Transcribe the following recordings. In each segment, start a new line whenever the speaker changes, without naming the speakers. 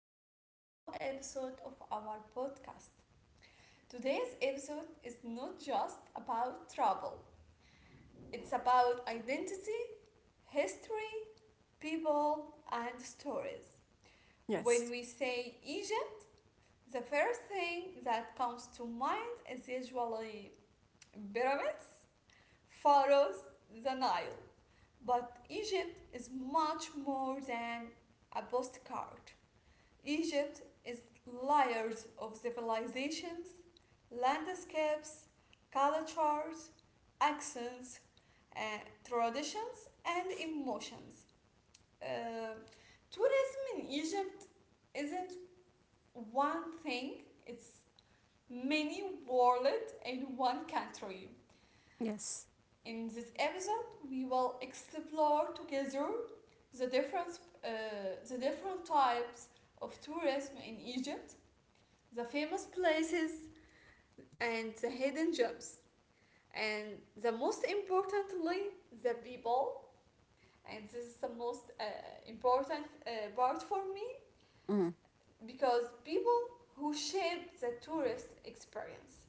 back to a new episode of our podcast. Today's episode is not just about travel, it's about identity, history, people, and stories. When
Yes,
we say Egypt, the first thing that comes to mind is usually pyramids, pharaohs, the Nile. But Egypt is much more than a postcard. Egypt is layers of civilizations, landscapes, cultures, accents, uh, traditions, and emotions. Uh, Tourism in Egypt isn't one thing, it's many worlds in one country.
yes,
In this episode, we will explore together the different, uh, the different types of tourism in Egypt, the famous places and the hidden gems, and the most importantly, the people. And this is the most important part for me,
mm,
because people who shape the tourist experience.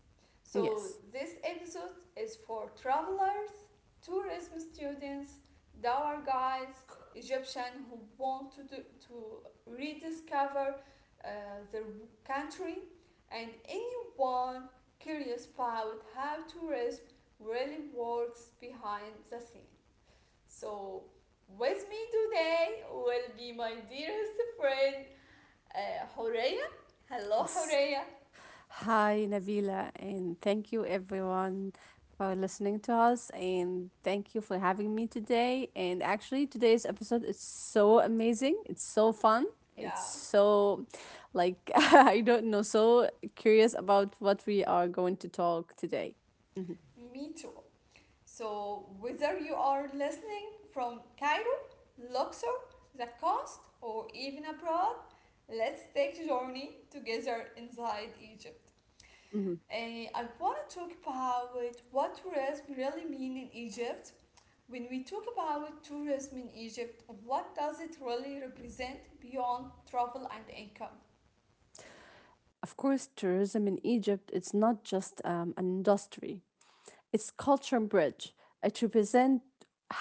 So
yes,
this episode is for travelers, tourism students, our guides, Egyptians who want to do, to rediscover uh, their country, and anyone curious about how tourism really works behind the scene. So with me today will be my dearest friend, Horea? Hello,
yes.
Horea.
Hi, Nabila, and thank you everyone for listening to us, and thank you for having me today. And actually, today's episode is so amazing. It's so fun. It's
Yeah,
so, like, I don't know, so curious about what we are going to talk today. Mhm,
me too. So, whether you are listening from Cairo, Luxor, the coast, or even abroad, let's take a journey together inside Egypt.
mhm.
And I want to talk about what tourism really mean in Egypt. When we talk about tourism in Egypt, what does it really represent beyond travel and income?
Of course, tourism in Egypt, it's not just an industry. Its culture bridge. It represents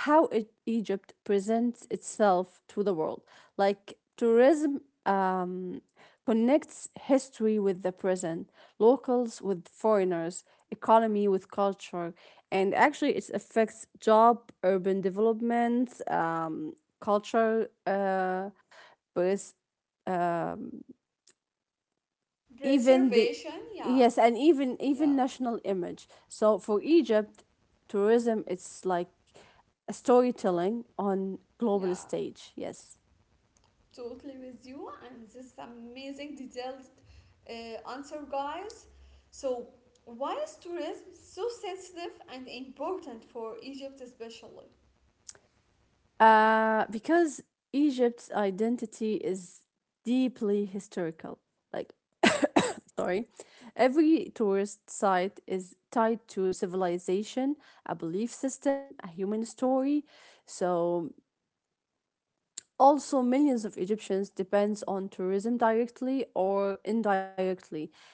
how Egypt presents itself to the world. Like tourism connects history with the present, locals with foreigners, economy with culture, and actually it affects job, urban development, culture, pers- even the
Preservation, yeah,
yes and even
yeah,
national image, so for Egypt tourism it's like a storytelling on global
yeah.
stage, yes.
Totally with you, and this is amazing detailed answer, guys. So why is tourism so sensitive and important for Egypt especially?
Because Egypt's identity is deeply historical, like sorry, every tourist site is tied to civilization, a belief system, a human story. So also, millions of Egyptians depends on tourism directly or indirectly.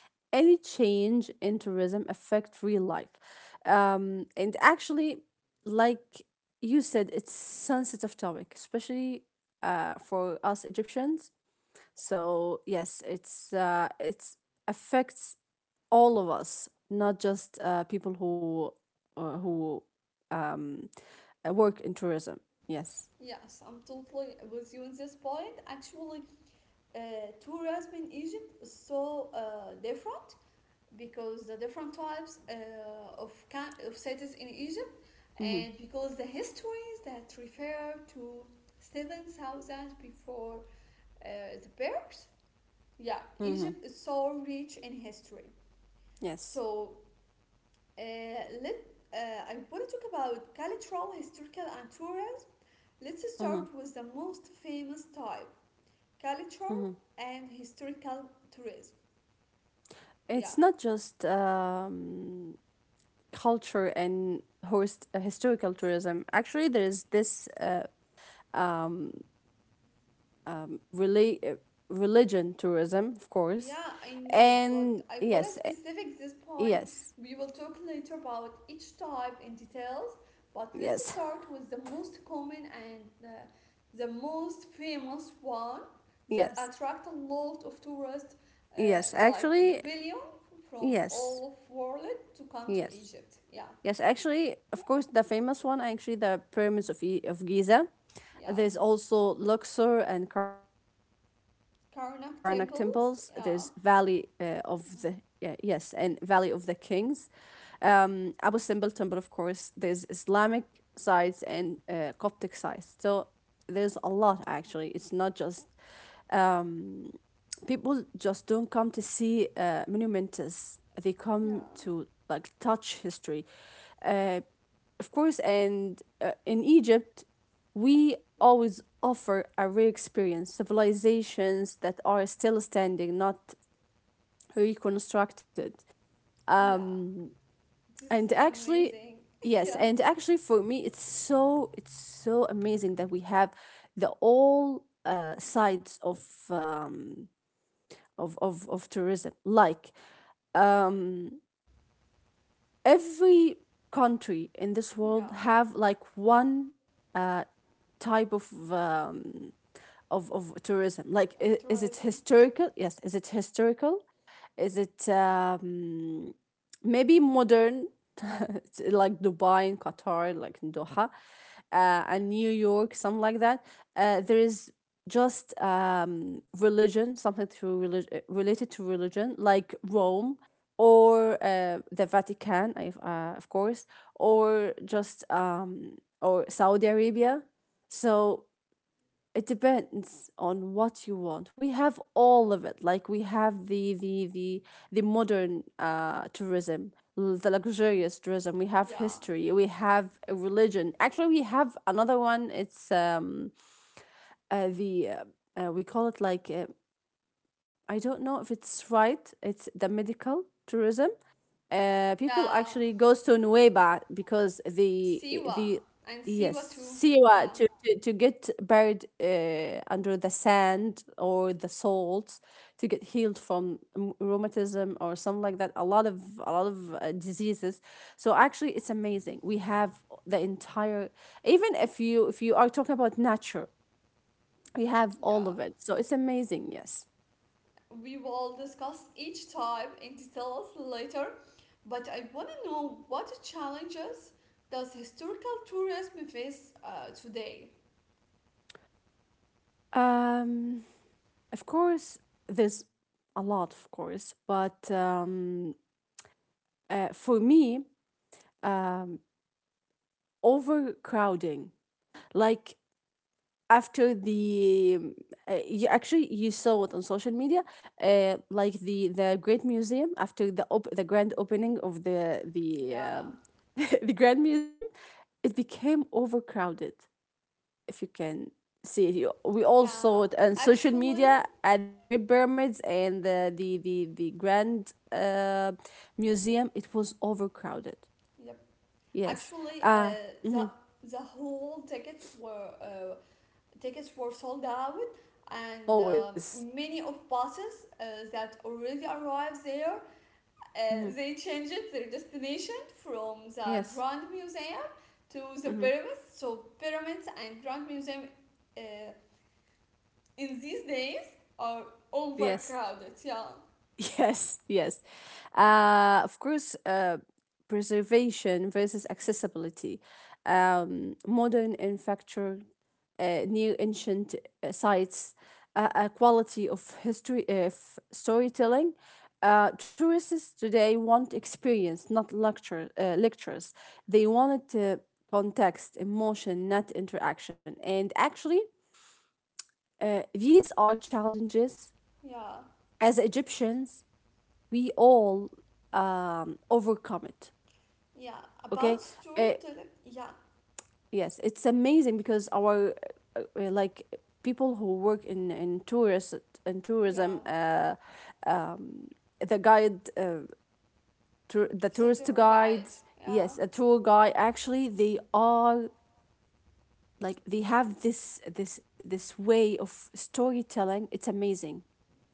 Any change in tourism affect real life. And actually, like you said, it's sensitive topic, especially for us Egyptians. So yes, it's affects all of us, not just people who uh, who um, work in tourism. Yes.
Yes, I'm totally with you on this point. Actually, uh, tourism in Egypt is so different because the different types of cities in Egypt,
Mm-hmm.
and because the histories that refer to 7,000 before, uh, the birth. Yeah,
Mm-hmm.
Egypt is so rich in history.
Yes.
So uh, let I want to talk about cultural, historical, and tourism. Let's
Mm-hmm.
start with the most famous type: culture
Mhm.
and historical tourism. Yeah.
It's not just culture and host historical tourism. Actually, there is this rela- uh, religion tourism, of course,
Yeah, I know, but
and
I want to
yes,
specific this point.
yes,
We will talk later about each type in details, but let's
yes,
start with the most common and the most famous one that
yes,
attract a lot of tourists, uh,
yes.
like
Actually,
billion from
yes,
all of world to come to
yes.
Egypt. Yeah,
Yes, actually, of course, the famous one, actually, the pyramids of, of Giza.
yeah.
There's also Luxor and Karnak temples. There's Valley
Karnak
of
temples.
the
Yeah,
yeah, yes, and Valley of the Kings. Abu Simbel temple, of course. There's Islamic sites and Coptic sites. So there's a lot actually. It's not just people just don't come to see monumentous. They
yeah,
come to like touch history, uh, of course. And in Egypt, we always offer a rare experience, civilizations that are still standing, not reconstructed.
yeah. This
And
is
actually,
amazing.
yes,
Yeah,
and actually for me, it's so amazing that we have the all sides um, of, of tourism, like um. Every country in this world
yeah.
have like one uh, type of, of tourism,
Of
like is it
tourism.
historical, yes, is it historical, is it maybe modern like Dubai and Qatar, like in Doha, and New York, something like that. There is just religion, something to related to religion, like Rome or the Vatican, of course, or just or Saudi Arabia. So it depends on what you want. We have all of it, like we have the modern tourism, the luxurious tourism, we have
Yeah.
history, we have religion. Actually we have another one, it's the we call it like I don't know if it's right, it's the medical tourism. People
Yeah,
actually goes to Nueva because
Siwa
the
and Siwa
yes,
too. Yeah,
Siwa to get buried under the sand or the salt to get healed from rheumatism or something like that, a lot of diseases. So actually it's amazing, we have the entire, even if you are talking about nature, we have
yeah.
all of it. So it's amazing, yes.
We will discuss each type in details later, but I want to know what challenges does historical tourism face today.
Um, of course, there's a lot, of course, but for me, um, overcrowding, like after the you actually you saw it on social media, like the Great Museum after the grand opening of the
Yeah,
the Grand Museum, it became overcrowded. If you can see it. You, we all saw
yeah.
it on social
Actually,
media at the Great Pyramids and the Grand Museum. It was overcrowded.
yep.
Yes.
Actually,
Uh,
the
mhm,
the whole tickets were sold out, and
always.
many of buses that already arrived there.
Hmm.
They changed their destination from the
Yes.
Grand Museum to the
Hmm.
pyramids. So pyramids and Grand Museum uh, in these days are
Yes.
overcrowded. Yeah,
Yes, yes. Of course, preservation versus accessibility. Modern and factured, new ancient sites, a quality of history of storytelling. Tourists today want experience, not lectures. They wanted to context, emotion, not interaction. And actually, these are challenges
yeah,
as Egyptians we all overcome it.
yeah.
Okay.
About
Uh,
storytelling. Yeah,
yes, it's amazing because our like people who work in tourist in
yeah.
tourism, um, the guide, the
So tour
tourist
guide.
guides,
Yeah,
yes, a tour guide. Actually, they are like they have this way of storytelling. It's amazing.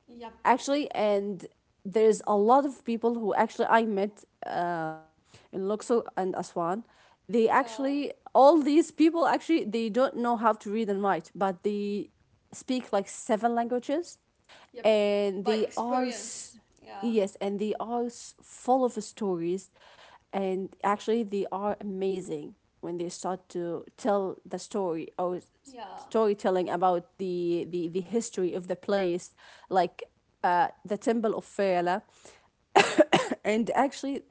yep,
Actually, and there's a lot of people who actually I met in Luxor and Aswan. They
yeah,
actually, all these people, actually they don't know how to read and write, but they speak like 7 languages,
yep.
and
By
they all
experience. Yeah,
yes, and they are full of stories, and actually they are amazing when they start to tell the story or
yeah,
storytelling about the history of the place, like the temple of Fela and actually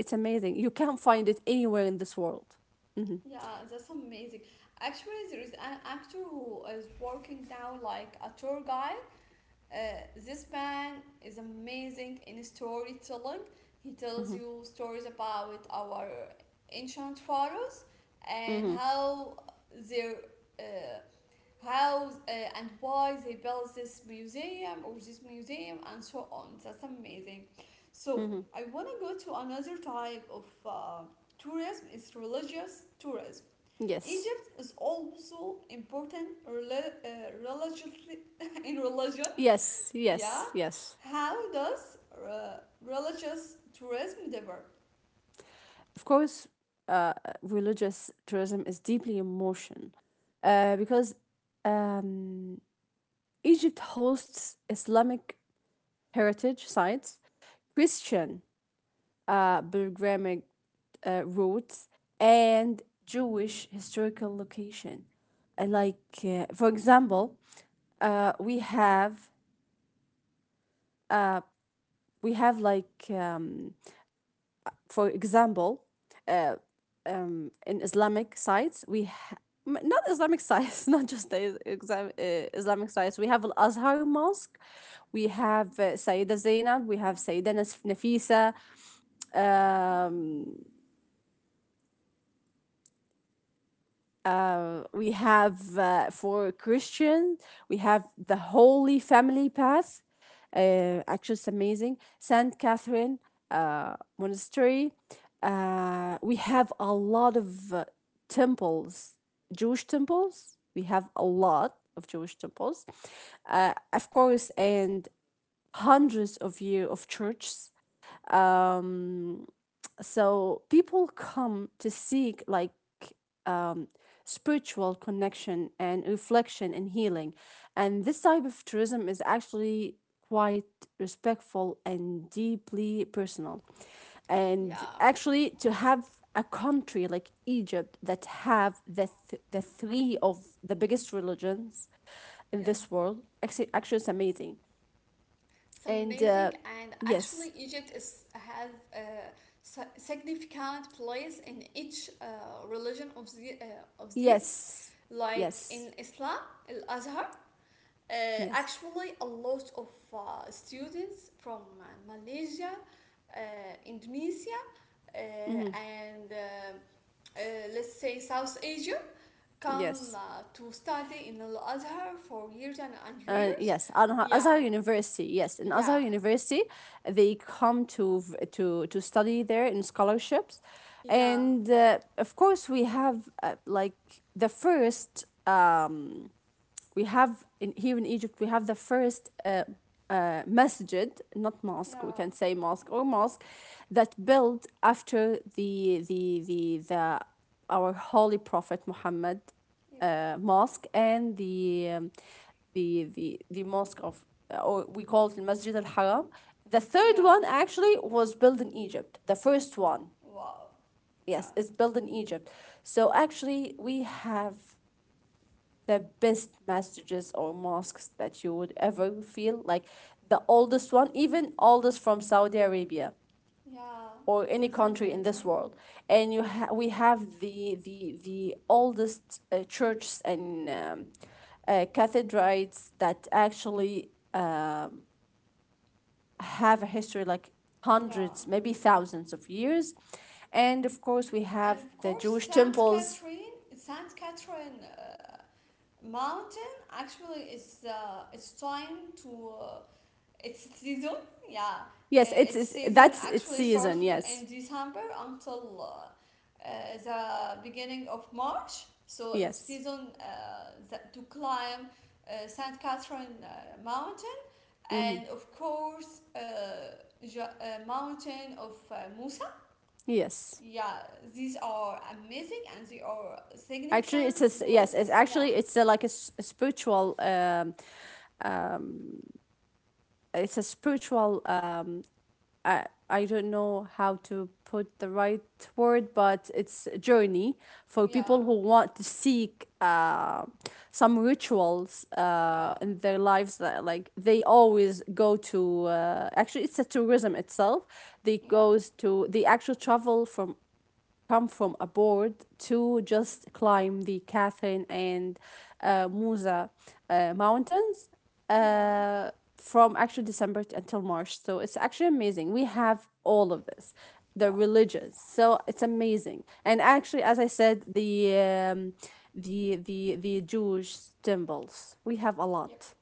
it's amazing, you can't find it anywhere in this world. mm-hmm,
yeah. That's amazing. Actually, there is an actor who is working now like a tour guide. Uh, this man is amazing in storytelling. He tells
mm-hmm,
you stories about our ancient pharaohs and
mm-hmm,
how their uh, how and why they built this museum or this museum and so on. That's amazing. So
mm-hmm.
I want to go to another type of tourism. It's religious tourism.
yes
Egypt is also important religiously in religion.
yes
Yeah.
yes yes
How does religious tourism differ?
Of course, uh, religious tourism is deeply emotion because um, Egypt hosts Islamic heritage sites, Christian pilgrimage routes, and Jewish historical location. Like for example, uh, we have uh, we have like for example, in Islamic sites, not Islamic sites, not just Islamic sites. We have Al Azhar Mosque, we have Sayyida Zainab, we have Sayyida Nafisa, uh, we have for Christians we have the Holy Family Path. Actually, it's amazing. Saint Catherine Monastery. We have a lot of temples, Jewish temples. We have a lot of Jewish temples, of course, and hundreds of year of churches. Um, so people come to seek like um, spiritual connection and reflection and healing, and this type of tourism is actually quite respectful and deeply personal. And
Yeah,
actually to have a country like Egypt that have the, the three of the biggest religions
yep.
in this world, actually, actually it's amazing.
It's
And
amazing, and actually,
yes.
Egypt is has a significant place in each religion, of these.
yes
Like
yes
in Islam, Al Azhar. Uh,
yes
Actually, a lot of students from Malaysia, uh, Indonesia,
Mhm.
and let's say South Asia come
Yes.
to study in Al Azhar for years and years.
Yes,
Yeah,
Azhar University. Yes, in Azhar
yeah,
University, they come to to study there in scholarships,
yeah,
and of course we have like the first. We have in here in Egypt. We have the first. Masjid, not mosque. We
yeah,
can say mosque or mosque, that built after the our holy prophet Muhammad
yep,
mosque and um, the the the mosque of or we call it Masjid al Haram. The third one
yeah.
actually was built in Egypt. The first one,
Wow,
yes,
yeah,
is built in Egypt. So actually, we have the best masjids or mosques that you would ever feel like the oldest one, even oldest from Saudi Arabia
yeah,
or any
that's
country in this
amazing.
world. And we have the oldest churches and cathedrals that actually have a history like
Yeah,
hundreds, maybe thousands of years. And of course we
and
have
of
the
course,
Jewish
Saint
temples.
Catherine, Saint Catherine Mountain actually is it's trying to, its season. Yeah,
Yes,
its
it's,
season
that's its
actually
season,
started
yes.
in December until, the beginning of March. So its
Yes.
season that to climb Saint Catherine Mountain,
Hmm.
and of course Mountain of Musa.
Yes,
Yeah, these are amazing, and they are
actually it's a
significant
yes it's
places. Yeah,
actually it's a, like a, a spiritual it's a spiritual um. I don't know how to put the right word, but it's a journey for people
yeah,
who want to seek some rituals
yeah,
in their lives, that like they always go to, actually it's a tourism itself. They
yeah,
goes to, they actually travel from, come from aboard to just climb the Catherine and Musa mountains
yeah,
from actually December until March. So it's actually amazing. We have all of this, the
yeah.
religions. So it's amazing. And actually, as I said, the the Jewish temples. We have a lot.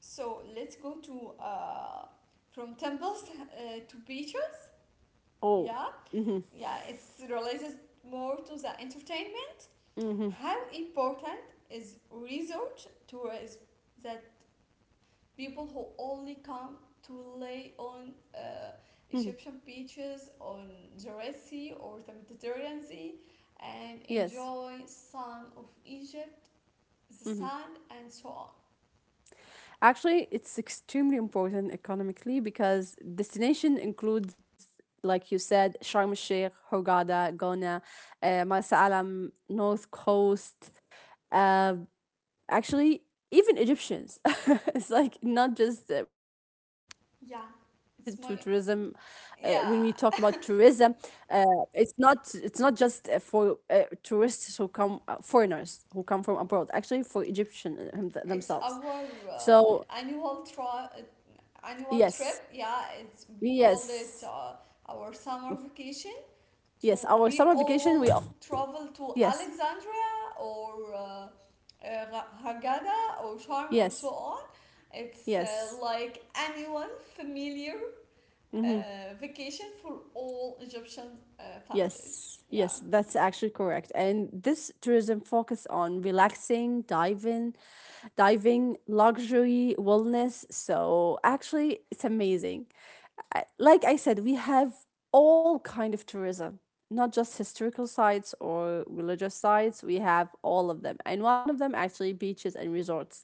So let's go to, from temples to beaches.
Oh,
Yeah, yeah, it's related more to the entertainment. How important is resort tourism, that people who only come to lay on
hmm,
Egyptian beaches on the Red Sea or the Mediterranean Sea and
yes.
enjoy sun of Egypt, the
Mm-hmm.
sand and so on?
Actually, it's extremely important economically because destination includes, like you said, Sharm el Sheikh, Hurghada, Gona, Marsa Alam, North Coast. Uh, Actually, even Egyptians. It's like not just related to tourism.
Yeah, it's my.
When we talk about tourism,
Yeah,
uh, it's not just for tourists who come, foreigners who come from abroad. Actually, for Egyptian
it's
themselves.
our
So
annual annual trip.
yes.
Yeah, it's we call it,
Yes.
our summer vacation. To
Yes.
we
Our summer
all
vacation,
travel to
yes.
Alexandria or Haggadah or Sharm or so
Yes.
on. It's
Yes.
like annual familiar vacation for all Egyptian families.
Yes,
Yeah,
yes, that's actually correct. And this tourism focus on relaxing, diving, diving, luxury, wellness. So actually, it's amazing. I- Like I said, we have all kind of tourism, not just historical sites or religious sites. We have all of them, and one of them actually beaches and resorts.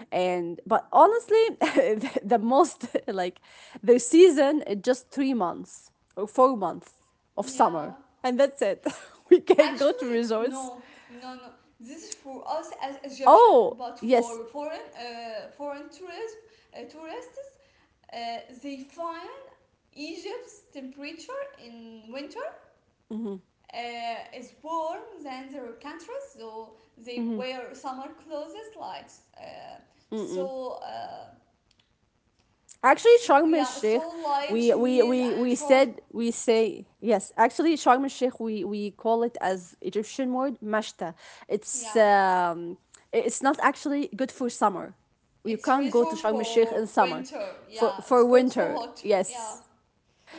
And but honestly, the most like the season is just 3 months or 4 months of
yeah.
summer. And that's it. We can not go to
Actually,
resorts.
no, no, no. This is for us as Egyptian,
Oh,
but
yes.
for foreign tourism tourists, uh, they find Egypt's temperature in winter is warm than their countries, so they
Mhm,
wear summer clothes like uh,
mm-mm.
so, uh,
Actually, Sharm el Sheikh,
yeah, so light chemise and short.
we say, yes, actually, Sharm el Sheikh, we call it as Egyptian word, mashta. It's,
Yeah,
um, it's not actually good for summer. You
it's
can't go to
resort
Sharm el Sheikh
for
in summer.
winter. Yeah, it's
For
got so
winter,
hot.
yes.
Yeah,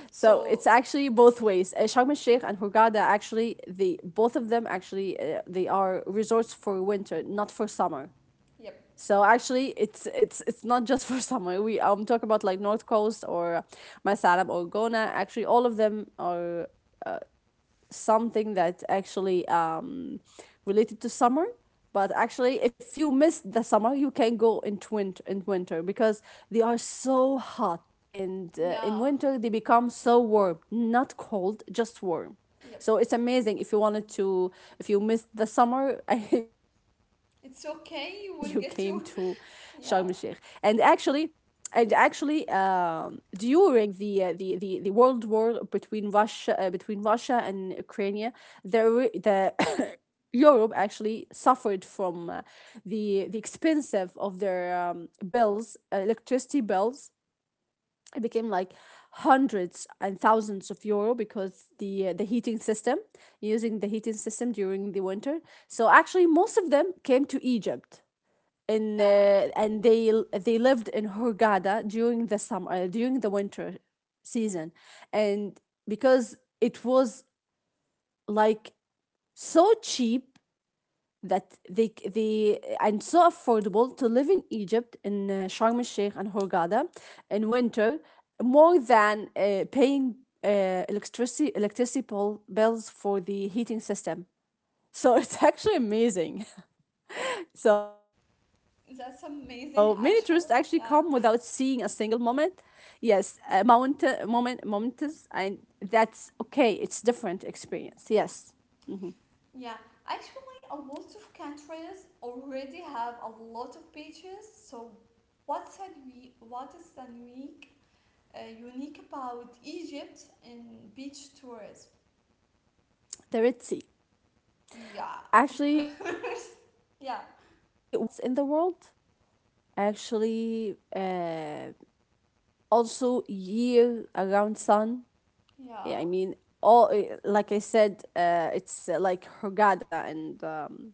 So it's
so.
actually both ways. Sharm el Sheikh and Hurghada actually the both of them actually they are resorts for winter, not for summer.
Yep.
So actually, it's not just for summer. We talk about like North Coast or Masalam or Gona. Actually, all of them are something that actually related to summer. But actually, if you miss the summer, you can go in twin in winter because they are so hot, and in
Yeah.
winter they become so warm, not cold, just warm.
Yep.
So it's amazing if you wanted to, if you missed the summer and you came to
It's
Sharm
okay.
el
You
Sheikh.
will get
And
your.
actually,
Yeah.
and actually during the world war between Russia and Ukraine the Europe actually suffered from the expensive of their bills electricity bills. It became like hundreds and thousands of euro because the heating system, using the heating system during the winter. So actually most of them came to Egypt in
Yeah.
and they lived in Hurghada during the summer during the winter season, and because it was like so cheap, that they and so affordable to live in Egypt in Sharm el Sheikh and Hurghada in winter, more than paying bills for the heating system. So it's actually amazing. So many tourists actually come
That's
without seeing
amazing,
a single
actually.
moment.
Yeah.
Yes, moment momentous, and that's okay. It's different experience. Yes, hmm
Yeah. Actually, a lot of countries already have a lot of beaches. So, what's a we? What is the unique about Egypt in beach tourism?
the Red Sea,
Yeah, of
actually one of the
course.
best
Yeah.
diving spots in the world. Actually, also year around sun. Yeah,
Yeah.
I mean, all like I said, it's like Hurghada and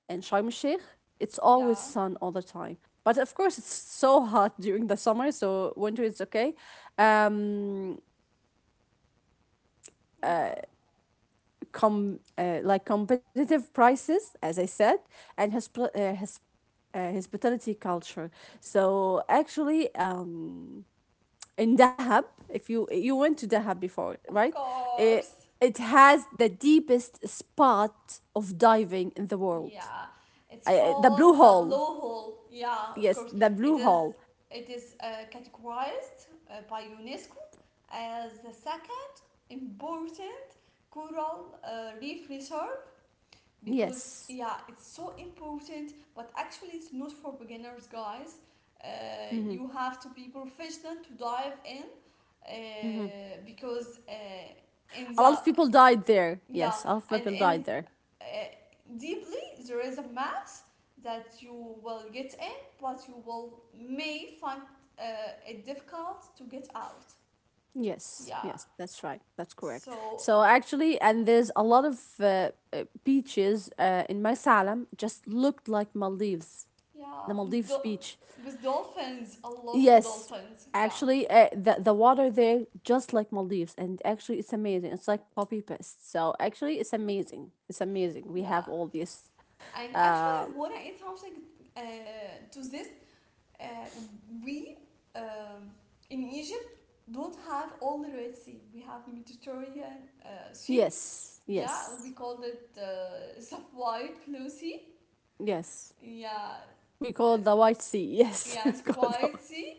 in Sharm el Sheikh, it's
Yeah.
always sun all the time. But of course, it's so hot during the summer, so winter is okay. Um,
Yeah.
com like competitive prices, as I said, and hosp- his hospitality culture. So actually, in Dahab, if you went to Dahab before,
Of
right? It,
course.
it has the deepest spot of diving in the world.
Yeah, it's
The
called
Blue
the
Hole.
blowhole. Yeah, of
Yes,
course.
the
It
Blue
is
Hole.
it is categorized by UNESCO as the second important coral reef reserve, because
Yes.
yeah, it's so important, but actually it's not for beginners, guys. Uh,
hmm
you have to be professional to dive in,
hmm
because, in
A lot
the
of people died there.
yeah,
Yes, a lot of
and
people died
in,
there.
uh, deeply, there is a map that you will get in, but you will may find uh, it difficult to get out.
Yes,
Yeah.
yes, that's right. That's correct.
So
So actually, and there's a lot of beaches in my Salem just looked like Maldives,
yeah,
the
with
Maldives beach.
with dolphins, a lot of
Yes,
dolphins. Yeah,
actually, uh, the water there just like Maldives, and actually, it's amazing. It's like poppy pest. So actually, it's amazing. It's amazing. We
yeah.
have all this.
And actually, I wanna add something uh, to this. Uh, we, um, in Egypt don't have all the Red Sea. We have Mediterranean Sea.
Yes,
Yeah, we
yes,
called it, sub-white blue sea.
yes.
Yeah,
We
uh,
call it the White Sea. Yes, we
yes,
call it the
spicy.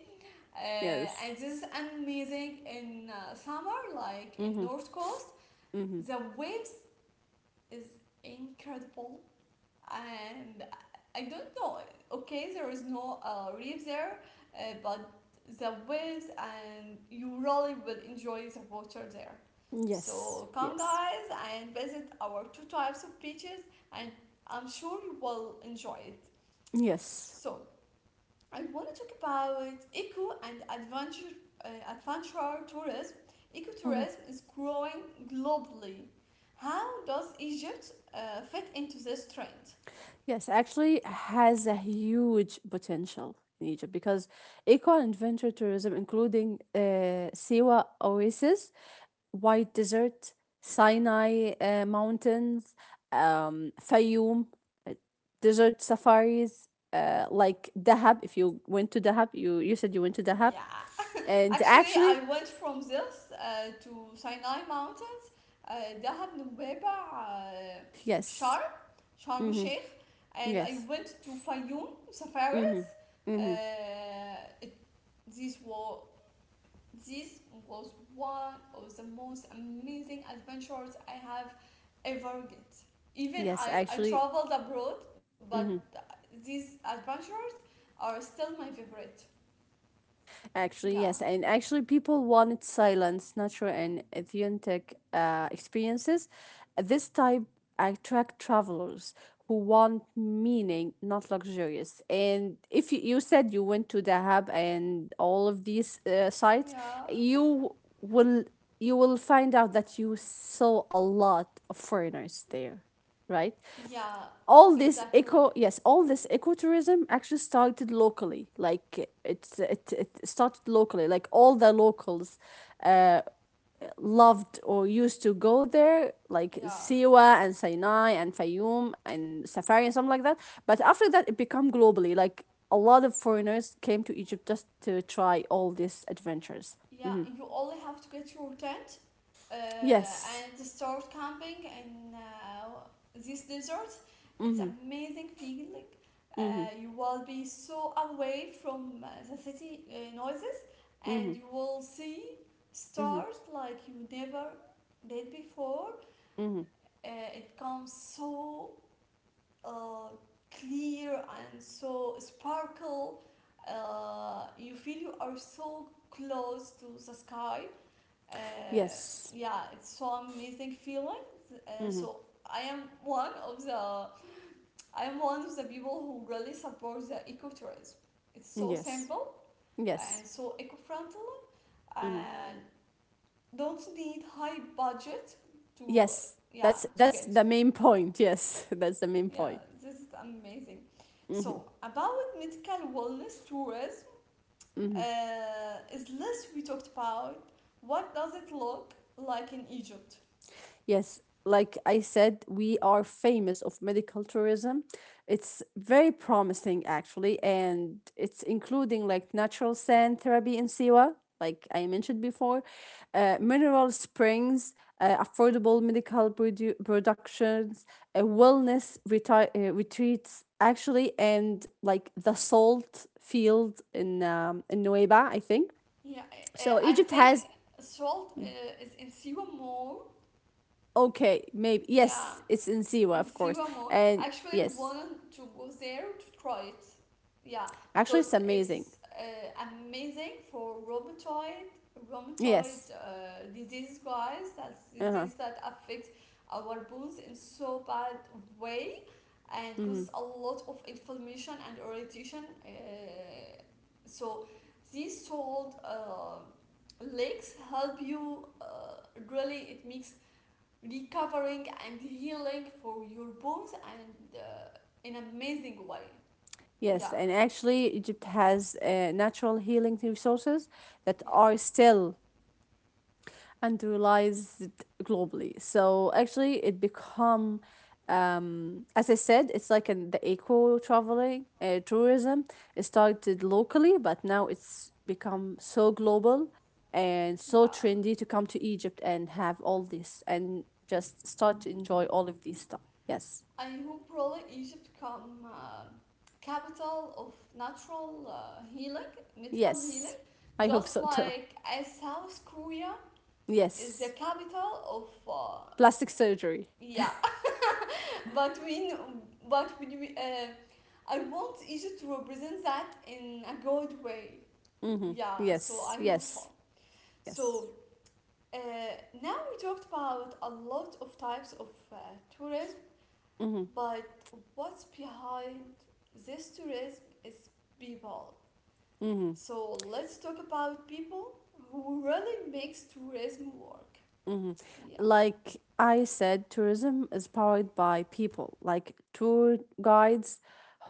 Uh,
Yes.
and this is amazing in summer, like in
Mm-hmm.
North Coast.
Mm-hmm.
The waves is incredible, and I don't know. Okay, there is no reef there, but the waves, and you really will enjoy the water there.
Yes.
So come,
Yes.
guys, and visit our two types of beaches, and I'm sure you will enjoy it.
Yes.
So I want to talk about eco and adventure tourism.
Mhm.
Ecotourism is growing globally. How does Egypt fit into this trend?
Yes, actually has a huge potential in Egypt because eco and adventure tourism, including Siwa Oasis, White Desert, Sinai Mountains, Fayoum, desert safaris, like Dahab. If you went to Dahab, you said you went to Dahab.
Yeah,
And
actually, I
actually,
went from this to Sinai Mountains, uh, Dahab, Nubeba,
yes.
Sharm, Sharm el
Mm-hmm.
Sheikh, and I
Yes.
went to Fayoum Safari.
Mm-hmm.
Uh,
Mm-hmm.
it, these were This was one of the most amazing adventures I have ever get. Even
Yes,
I
actually,
traveled abroad, but these adventures are still my favorite. Yeah,
actually, yes, and actually, people wanted silence, natural, and authentic experiences. This type attract travelers who want meaning, not luxurious. And if you said you went to Dahab and all of these sites,
yeah,
you will you will find out that you saw a lot of foreigners there, right?
yeah,
All
exactly.
this eco, yes, all this ecotourism actually started locally, like it started locally, like all the locals uh, loved or used to go there, like
Yeah.
Siwa and Sinai and Fayoum and Safari and something like that. But after that it became globally, like a lot of foreigners came to Egypt just to try all these adventures.
Yeah,
hmm
you only have to get your tent
yes.
and start camping in, this desert. It's
Mm-hmm.
amazing feeling. Uh,
Mm-hmm.
you will be so away from the city noises,
Mm-hmm.
and you will see
Mm-hmm.
stars like you never did before.
Mm-hmm.
Uh, it comes so uh, clear and so sparkle. You feel you are so close to the sky, uh,
Yes.
yeah, it's so amazing feeling.
Mm-hmm.
So I am one of the I am one of the people who really supports the ecotourism. It's so
Yes,
simple
yes.
and so eco-friendly,
Mm-hmm.
and don't need high budget to,
Yes,
yeah,
that's
to
that's
get,
the main point. Yes, that's the main
yeah,
point.
this is amazing.
hmm
So about medical wellness tourism,
hmm
is less we talked about. What does it look like in Egypt?
Yes, like I said, we are famous of medical tourism. It's very promising actually, and it's including like natural sand therapy in Siwa, like I mentioned before, mineral springs, affordable medical productions, uh, wellness retreats actually, and like the salt field in Nueva, I think.
Yeah,
So
I
Egypt
think
has,
salt is in Siwa more.
okay, maybe
Yeah,
yes, it's in Siwa,
in
of course,
Siwa Mall. I
and
actually
yes,
wanted to go there to try it. Yeah,
actually,
because
it's amazing.
it's amazing for rheumatoid
Yes,
rheumatoid disease, guys. That's
uh huh,
disease that affects our bones in so bad way and
mm-hmm.
causes a lot of inflammation and irritation. So these salt lakes help you, really. It makes recovering and healing for your bones and, in an amazing way.
Yes,
Yeah,
and actually, Egypt has natural healing resources that
yeah,
are still and realized globally. So actually, it become as I said, it's like the eco traveling tourism. It started locally, but now it's become so global and so
yeah.
trendy to come to Egypt and have all this and just start to enjoy all of these stuff. Yes,
I hope really Egypt come capital of natural healing, medical
yes,
healing,
I hope so
just
too.
like as South Korea is the
Yes,
capital of,
plastic surgery.
yeah. But we kn- but when we I want Egypt to represent that in a good way.
Mm-hmm.
Yeah, so
Yes,
I hope so.
yes,
So
yes.
Uh, now we talked about a lot of types of tourism,
Mm-hmm.
but what's behind this tourism is people.
Mm-hmm.
So let's talk about people who really makes tourism work.
Mhm.
Yeah.
Like I said, tourism is powered by people, like tour guides,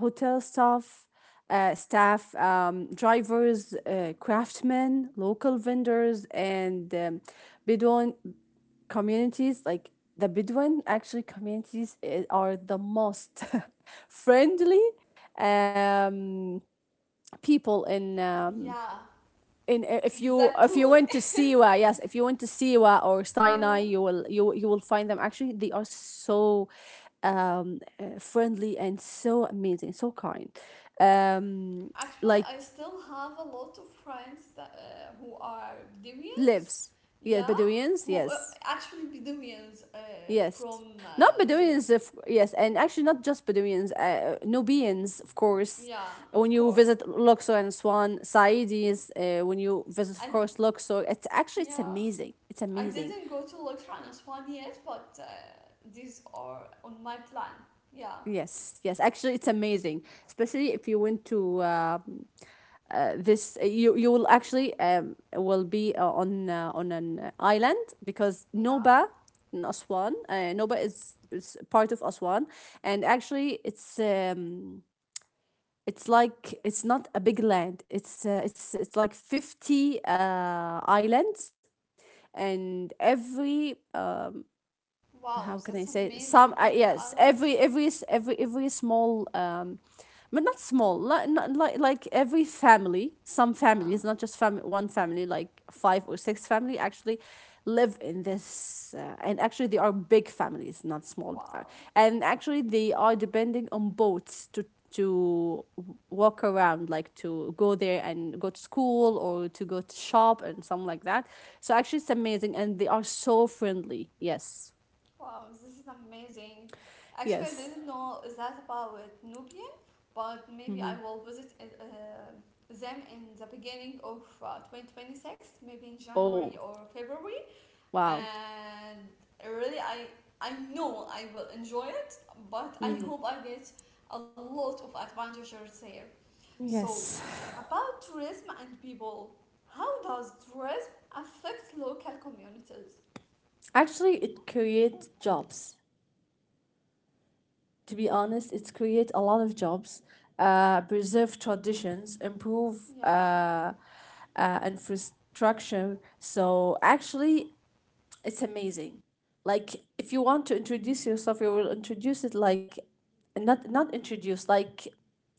hotel staff, drivers, craftsmen, local vendors, and Bedouin communities. Like the Bedouin, actually, communities are the most friendly um, people in
Yeah,
in, if you
exactly.
went to Siwa, yes, if you went to Siwa or Sinai,
Yeah.
you will you will find them. Actually, they are so friendly and so amazing, so kind. Um,
Actually,
like
I still have a lot of friends that who are Bedouins.
lives, yeah,
Yeah,
Bedouins,
who
yes,
actually Bedouins
yes.
from
Not
there.
Bedouins, if, yes, and actually not just Bedouins, Nubians, of course.
Yeah,
When
of
you
course.
visit Luxor and Swan, Saidis, when you visit, of
I
course, Luxor, it's actually, it's
yeah,
amazing. It's
I
amazing.
didn't go to Electronics one yet, but these are on my plan. Yeah,
Yes, yes. Actually, it's amazing, especially if you went to this. You will actually will be on an island because Noba
yeah.
in Aswan. Noba is part of Aswan, and actually, it's like it's not a big land. It's like 50 islands, and every how
Wow,
can I
that's
say it? Some
amazing, Vipri
yes,
Island.
every s- every small um, but not small like, not, like every family, some
Yeah,
families, not just one family, like five or six family actually live in this and actually they are big families, not small
wow,
and actually they are depending on boats to walk around, like to go there and go to school or to go to shop and something like that. So actually it's amazing and they are so friendly, yes.
wow, this is amazing. Actually, I
Yes.
didn't know that about Nubian, but maybe I
hmm
will visit it, them in the beginning of 2026, maybe in January
Oh,
or February.
wow.
And really, I know I will enjoy it, but I
hmm
hope I get a lot of advantages there. So
Yes.
about tourism and people, how does tourism affect local communities?
Actually, it creates jobs. To be honest, it creates a lot of jobs, preserve traditions, improve
yeah
infrastructure. So actually, it's amazing. Like, if you want to introduce yourself, you will introduce it, like, not not introduce like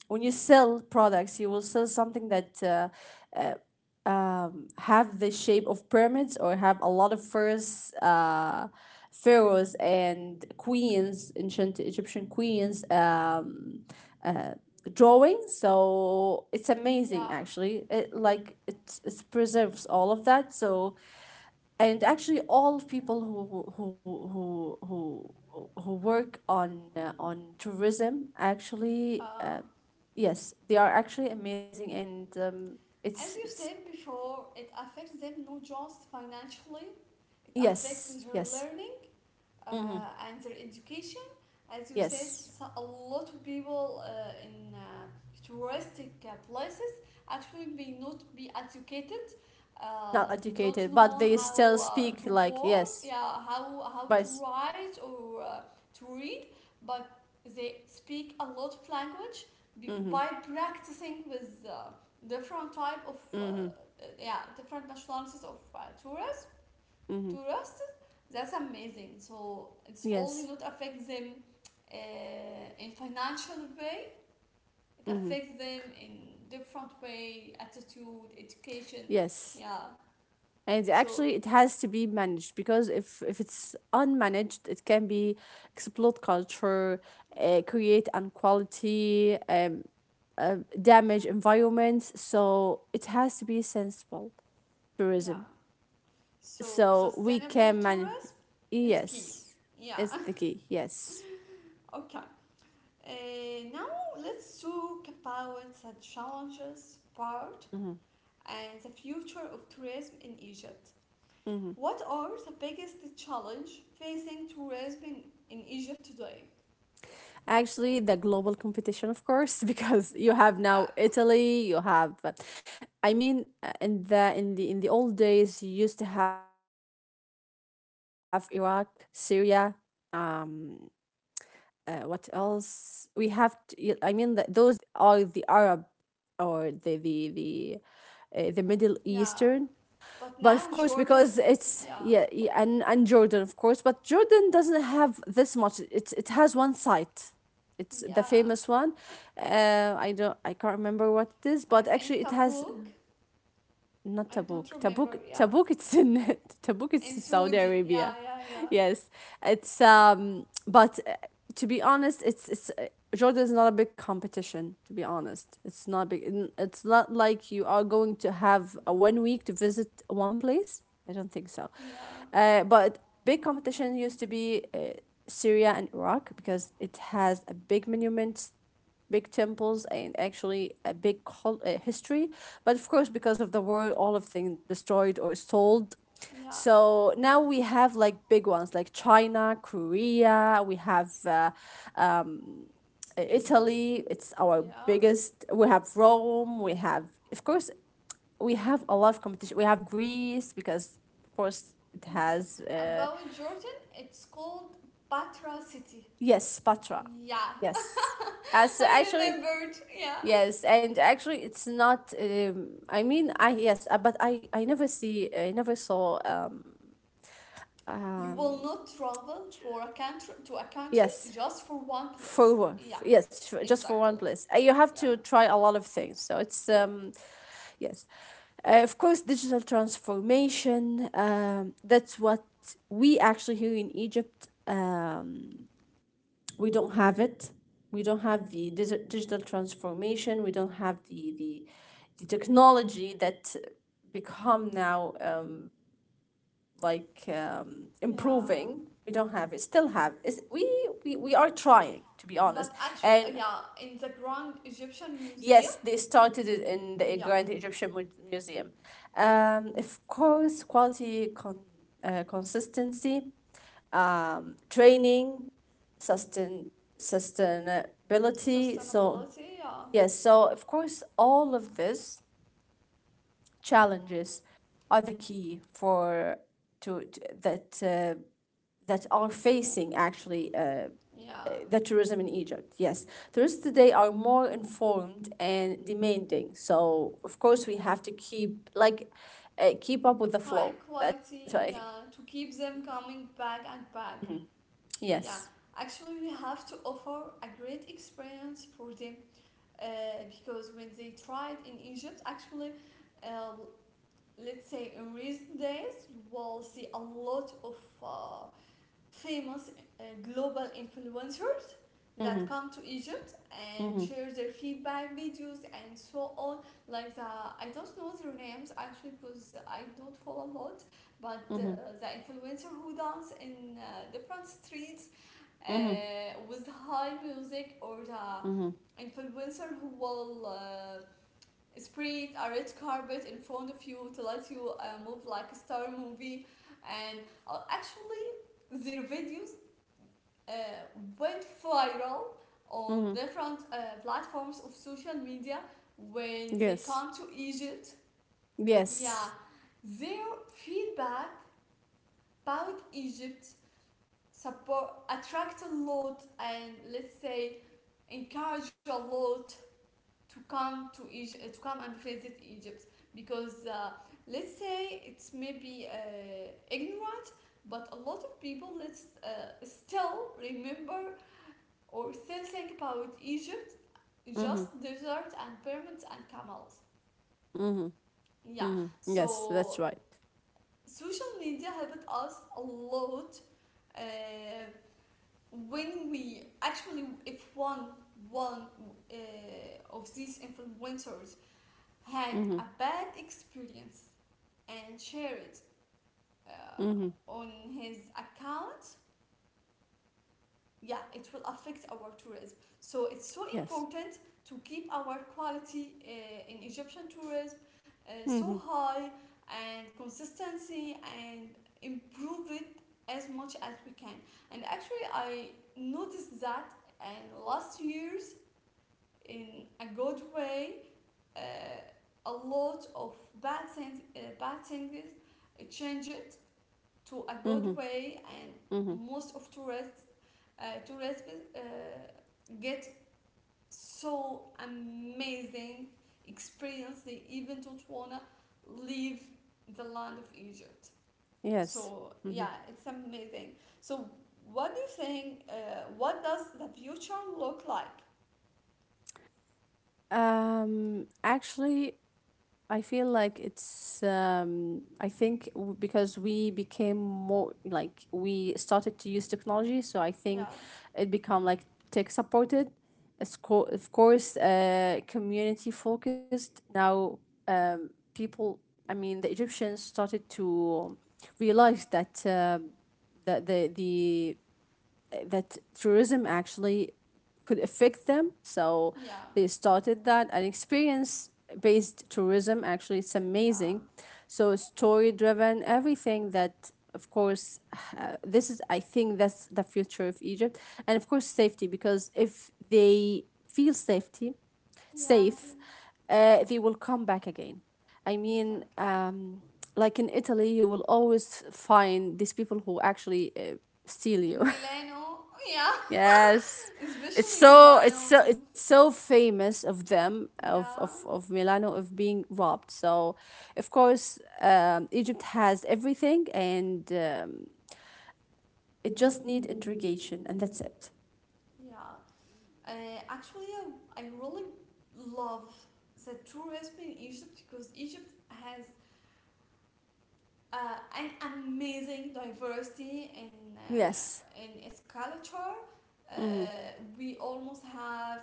when you sell products, you will sell something that have the shape of pyramids or have a lot of first pharaohs and queens, ancient Egyptian queens drawings. So it's
yeah
amazing, actually. It like it preserves all of that. So, and actually, all people who who who who who work on tourism actually.
uh,
Yes, they are actually amazing, and
as you
it's
said before, it affects them not just financially, it
yes,
affects their
yes.
learning
Mm-hmm.
and their education. As you said,
Yes,
so a lot of people in touristic places actually may not be educated.
not
They don't
educated, but
know
they
how
still speak
to
like,
work,
yes,
yeah, how to
but
write or to read, but they speak a lot of language
mm-hmm,
by practicing with different type of
mm-hmm,
yeah different nationalities of tourists to
mm-hmm,
roast it. That's amazing, so it's only
yes,
not affect them in financial way, it
mm-hmm,
affects them in different way, attitude, education.
yes.
yeah
And
so
actually, it has to be managed because if it's unmanaged, it can be exploit culture,
yeah
create inequality, damage environments. So it has to be sensible
yeah
tourism.
so
So we
sustainable
can man.
tourism is key.
Yes,
Yeah.
it's the key. Yes.
Okay, now let's talk about the challenges part
Mm-hmm,
and the future of tourism in Egypt.
mm-hmm.
What are the biggest challenge facing tourism in Egypt today?
Actually, the global competition, of course, because you
Wow.
have now
Yeah.
Italy, you have, I mean, in the in the old days, you used to have Iraq, Syria, um, what else? We have, to, I mean, that those are the Arab or the the Middle
Yeah.
Eastern,
But
but of
now
course
Jordan.
because it's,
Yeah.
yeah, yeah, and Jordan of course. But Jordan doesn't have this much. It has one site, it's the
Yeah.
famous one. I don't, I can't remember what it is,
I
but actually
think
it has,
Tabuk.
not
I don't
Tabuk. Tabuk,
remember. Yeah.
Tabuk. It's in Tabuk. It's
And
in Saudi
Saudi.
Arabia.
Yeah. Yeah. Yeah.
Yes, it's. But to be honest, it's it's Jordan is not a big competition. To be honest, it's not big. It's not like you are going to have a one week to visit one place. I don't think so.
Yeah.
But big competition used to be Syria and Iraq because it has a big monument, big temples, and actually a big history. But of course because of the war all of things destroyed or sold.
Yeah.
So now we have like big ones like China, Korea, we have Italy, it's our
Yeah.
biggest. We have Rome, we have, of course, we have a lot of competition. We have Greece because, of course, it
Yeah.
has,
About Jordan, it's called Batra City.
yes, Patra.
Yeah,
Yes. As
I
actually,
remembered. Yeah.
yes, and actually, it's not. I mean, I yes, but I never see I never saw.
You
Um
will not travel for a country to a country
yes,
just for one
for
place. Yeah.
yes, just for one
Exactly.
place. You have
Yeah.
to try a lot of things. So it's
Yep.
yes, of course, digital transformation. That's what we actually here in Egypt. We don't have it. We don't have the digital transformation. We don't have the technology that become now like
Yeah.
improving. We don't have it. Still have it's, we, we are trying to be honest.
But actually,
And
yeah, in the Grand Egyptian Museum,
yes, they started it in the
yeah,
Grand Egyptian Museum. Of course, quality consistency, training, sustain sustainability. So,
sustainability,
yes, so of course, all of these challenges are the key for to that that are facing actually
yeah,
the tourism in Egypt. Yes, tourists today are more informed and demanding. So of course, we have to keep like keep up with the
high
flow. That's what I think.
quality, yeah, to keep them coming back and back. Yeah.
Yes.
Actually, we have to offer a great experience for them, uh, because when they tried in Egypt, actually, uh, let's say in recent days, you will see a lot of uh, famous global influencers that
Mm-hmm.
come to Egypt and
Mm-hmm.
share their feedback videos and so on. Like, the I don't know their names actually because I don't follow a lot, but
Mm-hmm.
the influencer who dance in different streets
Mm-hmm.
with high music, or
Mm-hmm.
the influencer who will spread a red carpet in front of you to let you move like a star movie, and actually their videos uh, went viral on
Mm-hmm.
different platforms of social media when they
Yes.
come to Egypt.
Yes.
Yeah, their feedback about Egypt support attract a lot and let's say encourage a lot to come to Egypt, to come and visit Egypt, because let's say it's maybe ignorant, but a lot of people let's still remember or still think about Egypt
Mm-hmm.
just desert and pyramids and camels.
Mm-hmm.
Yeah,
Mm-hmm. Yes, that's
so
right.
social media helped us a lot uh, when we actually, if one uh, of these influencers had
Mhm.
a bad experience and share it
Mhm.
on his account, yeah, it will affect our tourism. So it's so
Yes.
important to keep our quality in Egyptian tourism so
Mhm.
high and consistency, and improve it as much as we can. And actually, I noticed that and last years in a good way, uh, a lot of bad things changed to a good
Mhm.
way, and
Mhm.
most of tourists uh, get so amazing experience, they even don't wanna leave the land of Egypt.
Yes.
So
Mhm.
yeah, it's amazing. So what do you think, what does the future look like?
Actually, I feel like it's um, I think because we became more like we started to use technology, so I think
yeah
it become like tech supported. Of course, community focused. Now people, I mean the Egyptians started to realize that that the that tourism actually could affect them. So
yeah
they started that an experience based tourism actually it's amazing.
yeah
So story driven, everything that of course, this is I think that's the future of Egypt, and of course safety, because if they feel safety
yeah
safe,
the-
they will come back again. I mean
exactly.
like in Italy you will always find these people who actually steal you.
In Milano, yeah.
Yes. It's
Especially in
so it's
Milano.
so it's so famous of them, of
Yeah.
Milano, of being robbed. So of course Egypt has everything and it just need interrogation and that's it.
Yeah. Uh, Actually, I really love the tourism in Egypt because Egypt has an amazing diversity
Yes.
in its culture. Uh,
Mhm.
we almost have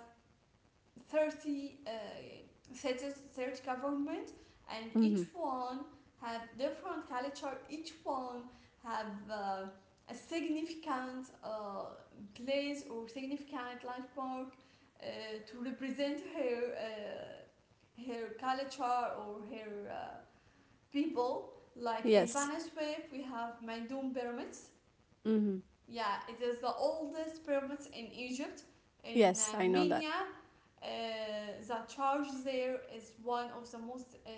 30 cities, 30 government, and
Mhm.
each one have different culture. Each one have a significant place or significant landmark to represent her her culture or her people. Like in
Yes.
Banaswef, we have Maidum pyramids,
Mhm.
yeah, it is the oldest pyramids in Egypt, in
Yes, I know that.
Minya. The church there is one of the most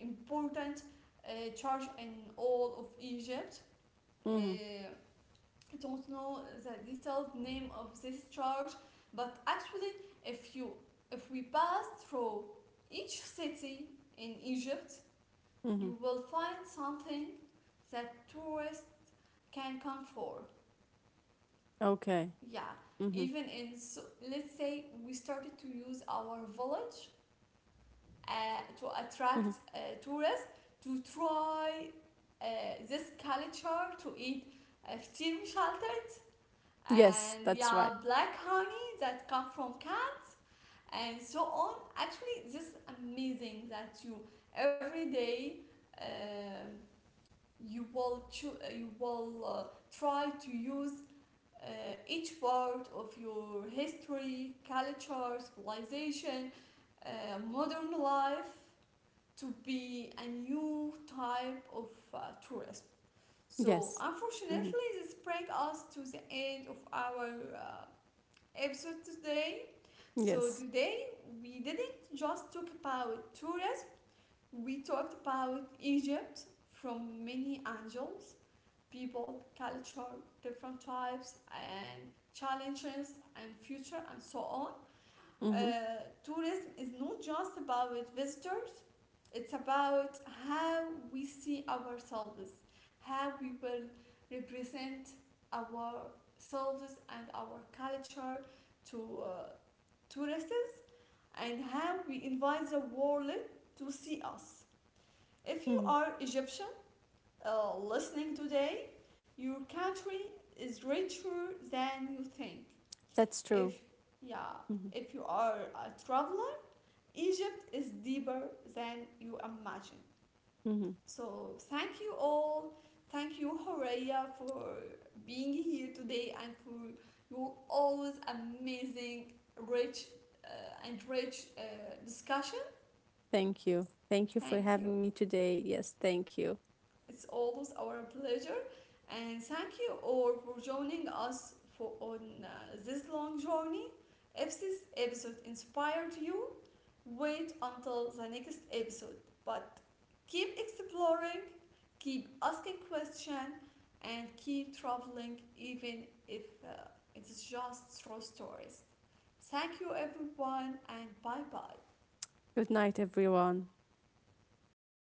important church in all of Egypt. Uh,
Mhm.
I don't know the detailed name of this church, but actually, if you if we pass through each city in Egypt,
Mhm.
you will find something that tourists can come for.
Okay.
Yeah,
Mhm.
even in so, let's say we started to use our village
Mhm.
uh, to attract tourists to try uh, this culture to eat فطير مشلتت
Yes,
and
that's right.
yeah black honey that come from cat and so on. Actually, this is amazing that you every day um you will you will try to use uh, each part of your history, culture, civilization, modern life to be a new type of tourism. So,
Yes. Mhm.
unfortunately, this brings us to the end of our episode today. So,
Yes.
today we didn't just talk about tourism, we talked about Egypt from many angles, people, culture, different types, and challenges, and future, and so on.
Mhm.
Uh, tourism is not just about visitors, it's about how we see ourselves, how we will represent ourselves and our culture to tourists, and how we invite the world to see us. If you
Mhm.
are Egyptian, listening today, your country is richer than you think.
That's true.
If yeah,
Mhm.
if you are a traveler, Egypt is deeper than you imagine.
Mhm.
So thank you all. Thank you, Horea, for being here today and for your always amazing, rich, and rich discussion.
Thank you. Thank you for
Thank you.
having me today. Yes, thank you.
It's always our pleasure. And thank you all for joining us for on this long journey. If this episode inspired you, wait until the next episode. But keep exploring, keep asking questions, and keep traveling, even if it's just through stories. Thank you, everyone, and bye bye.
Good night, everyone.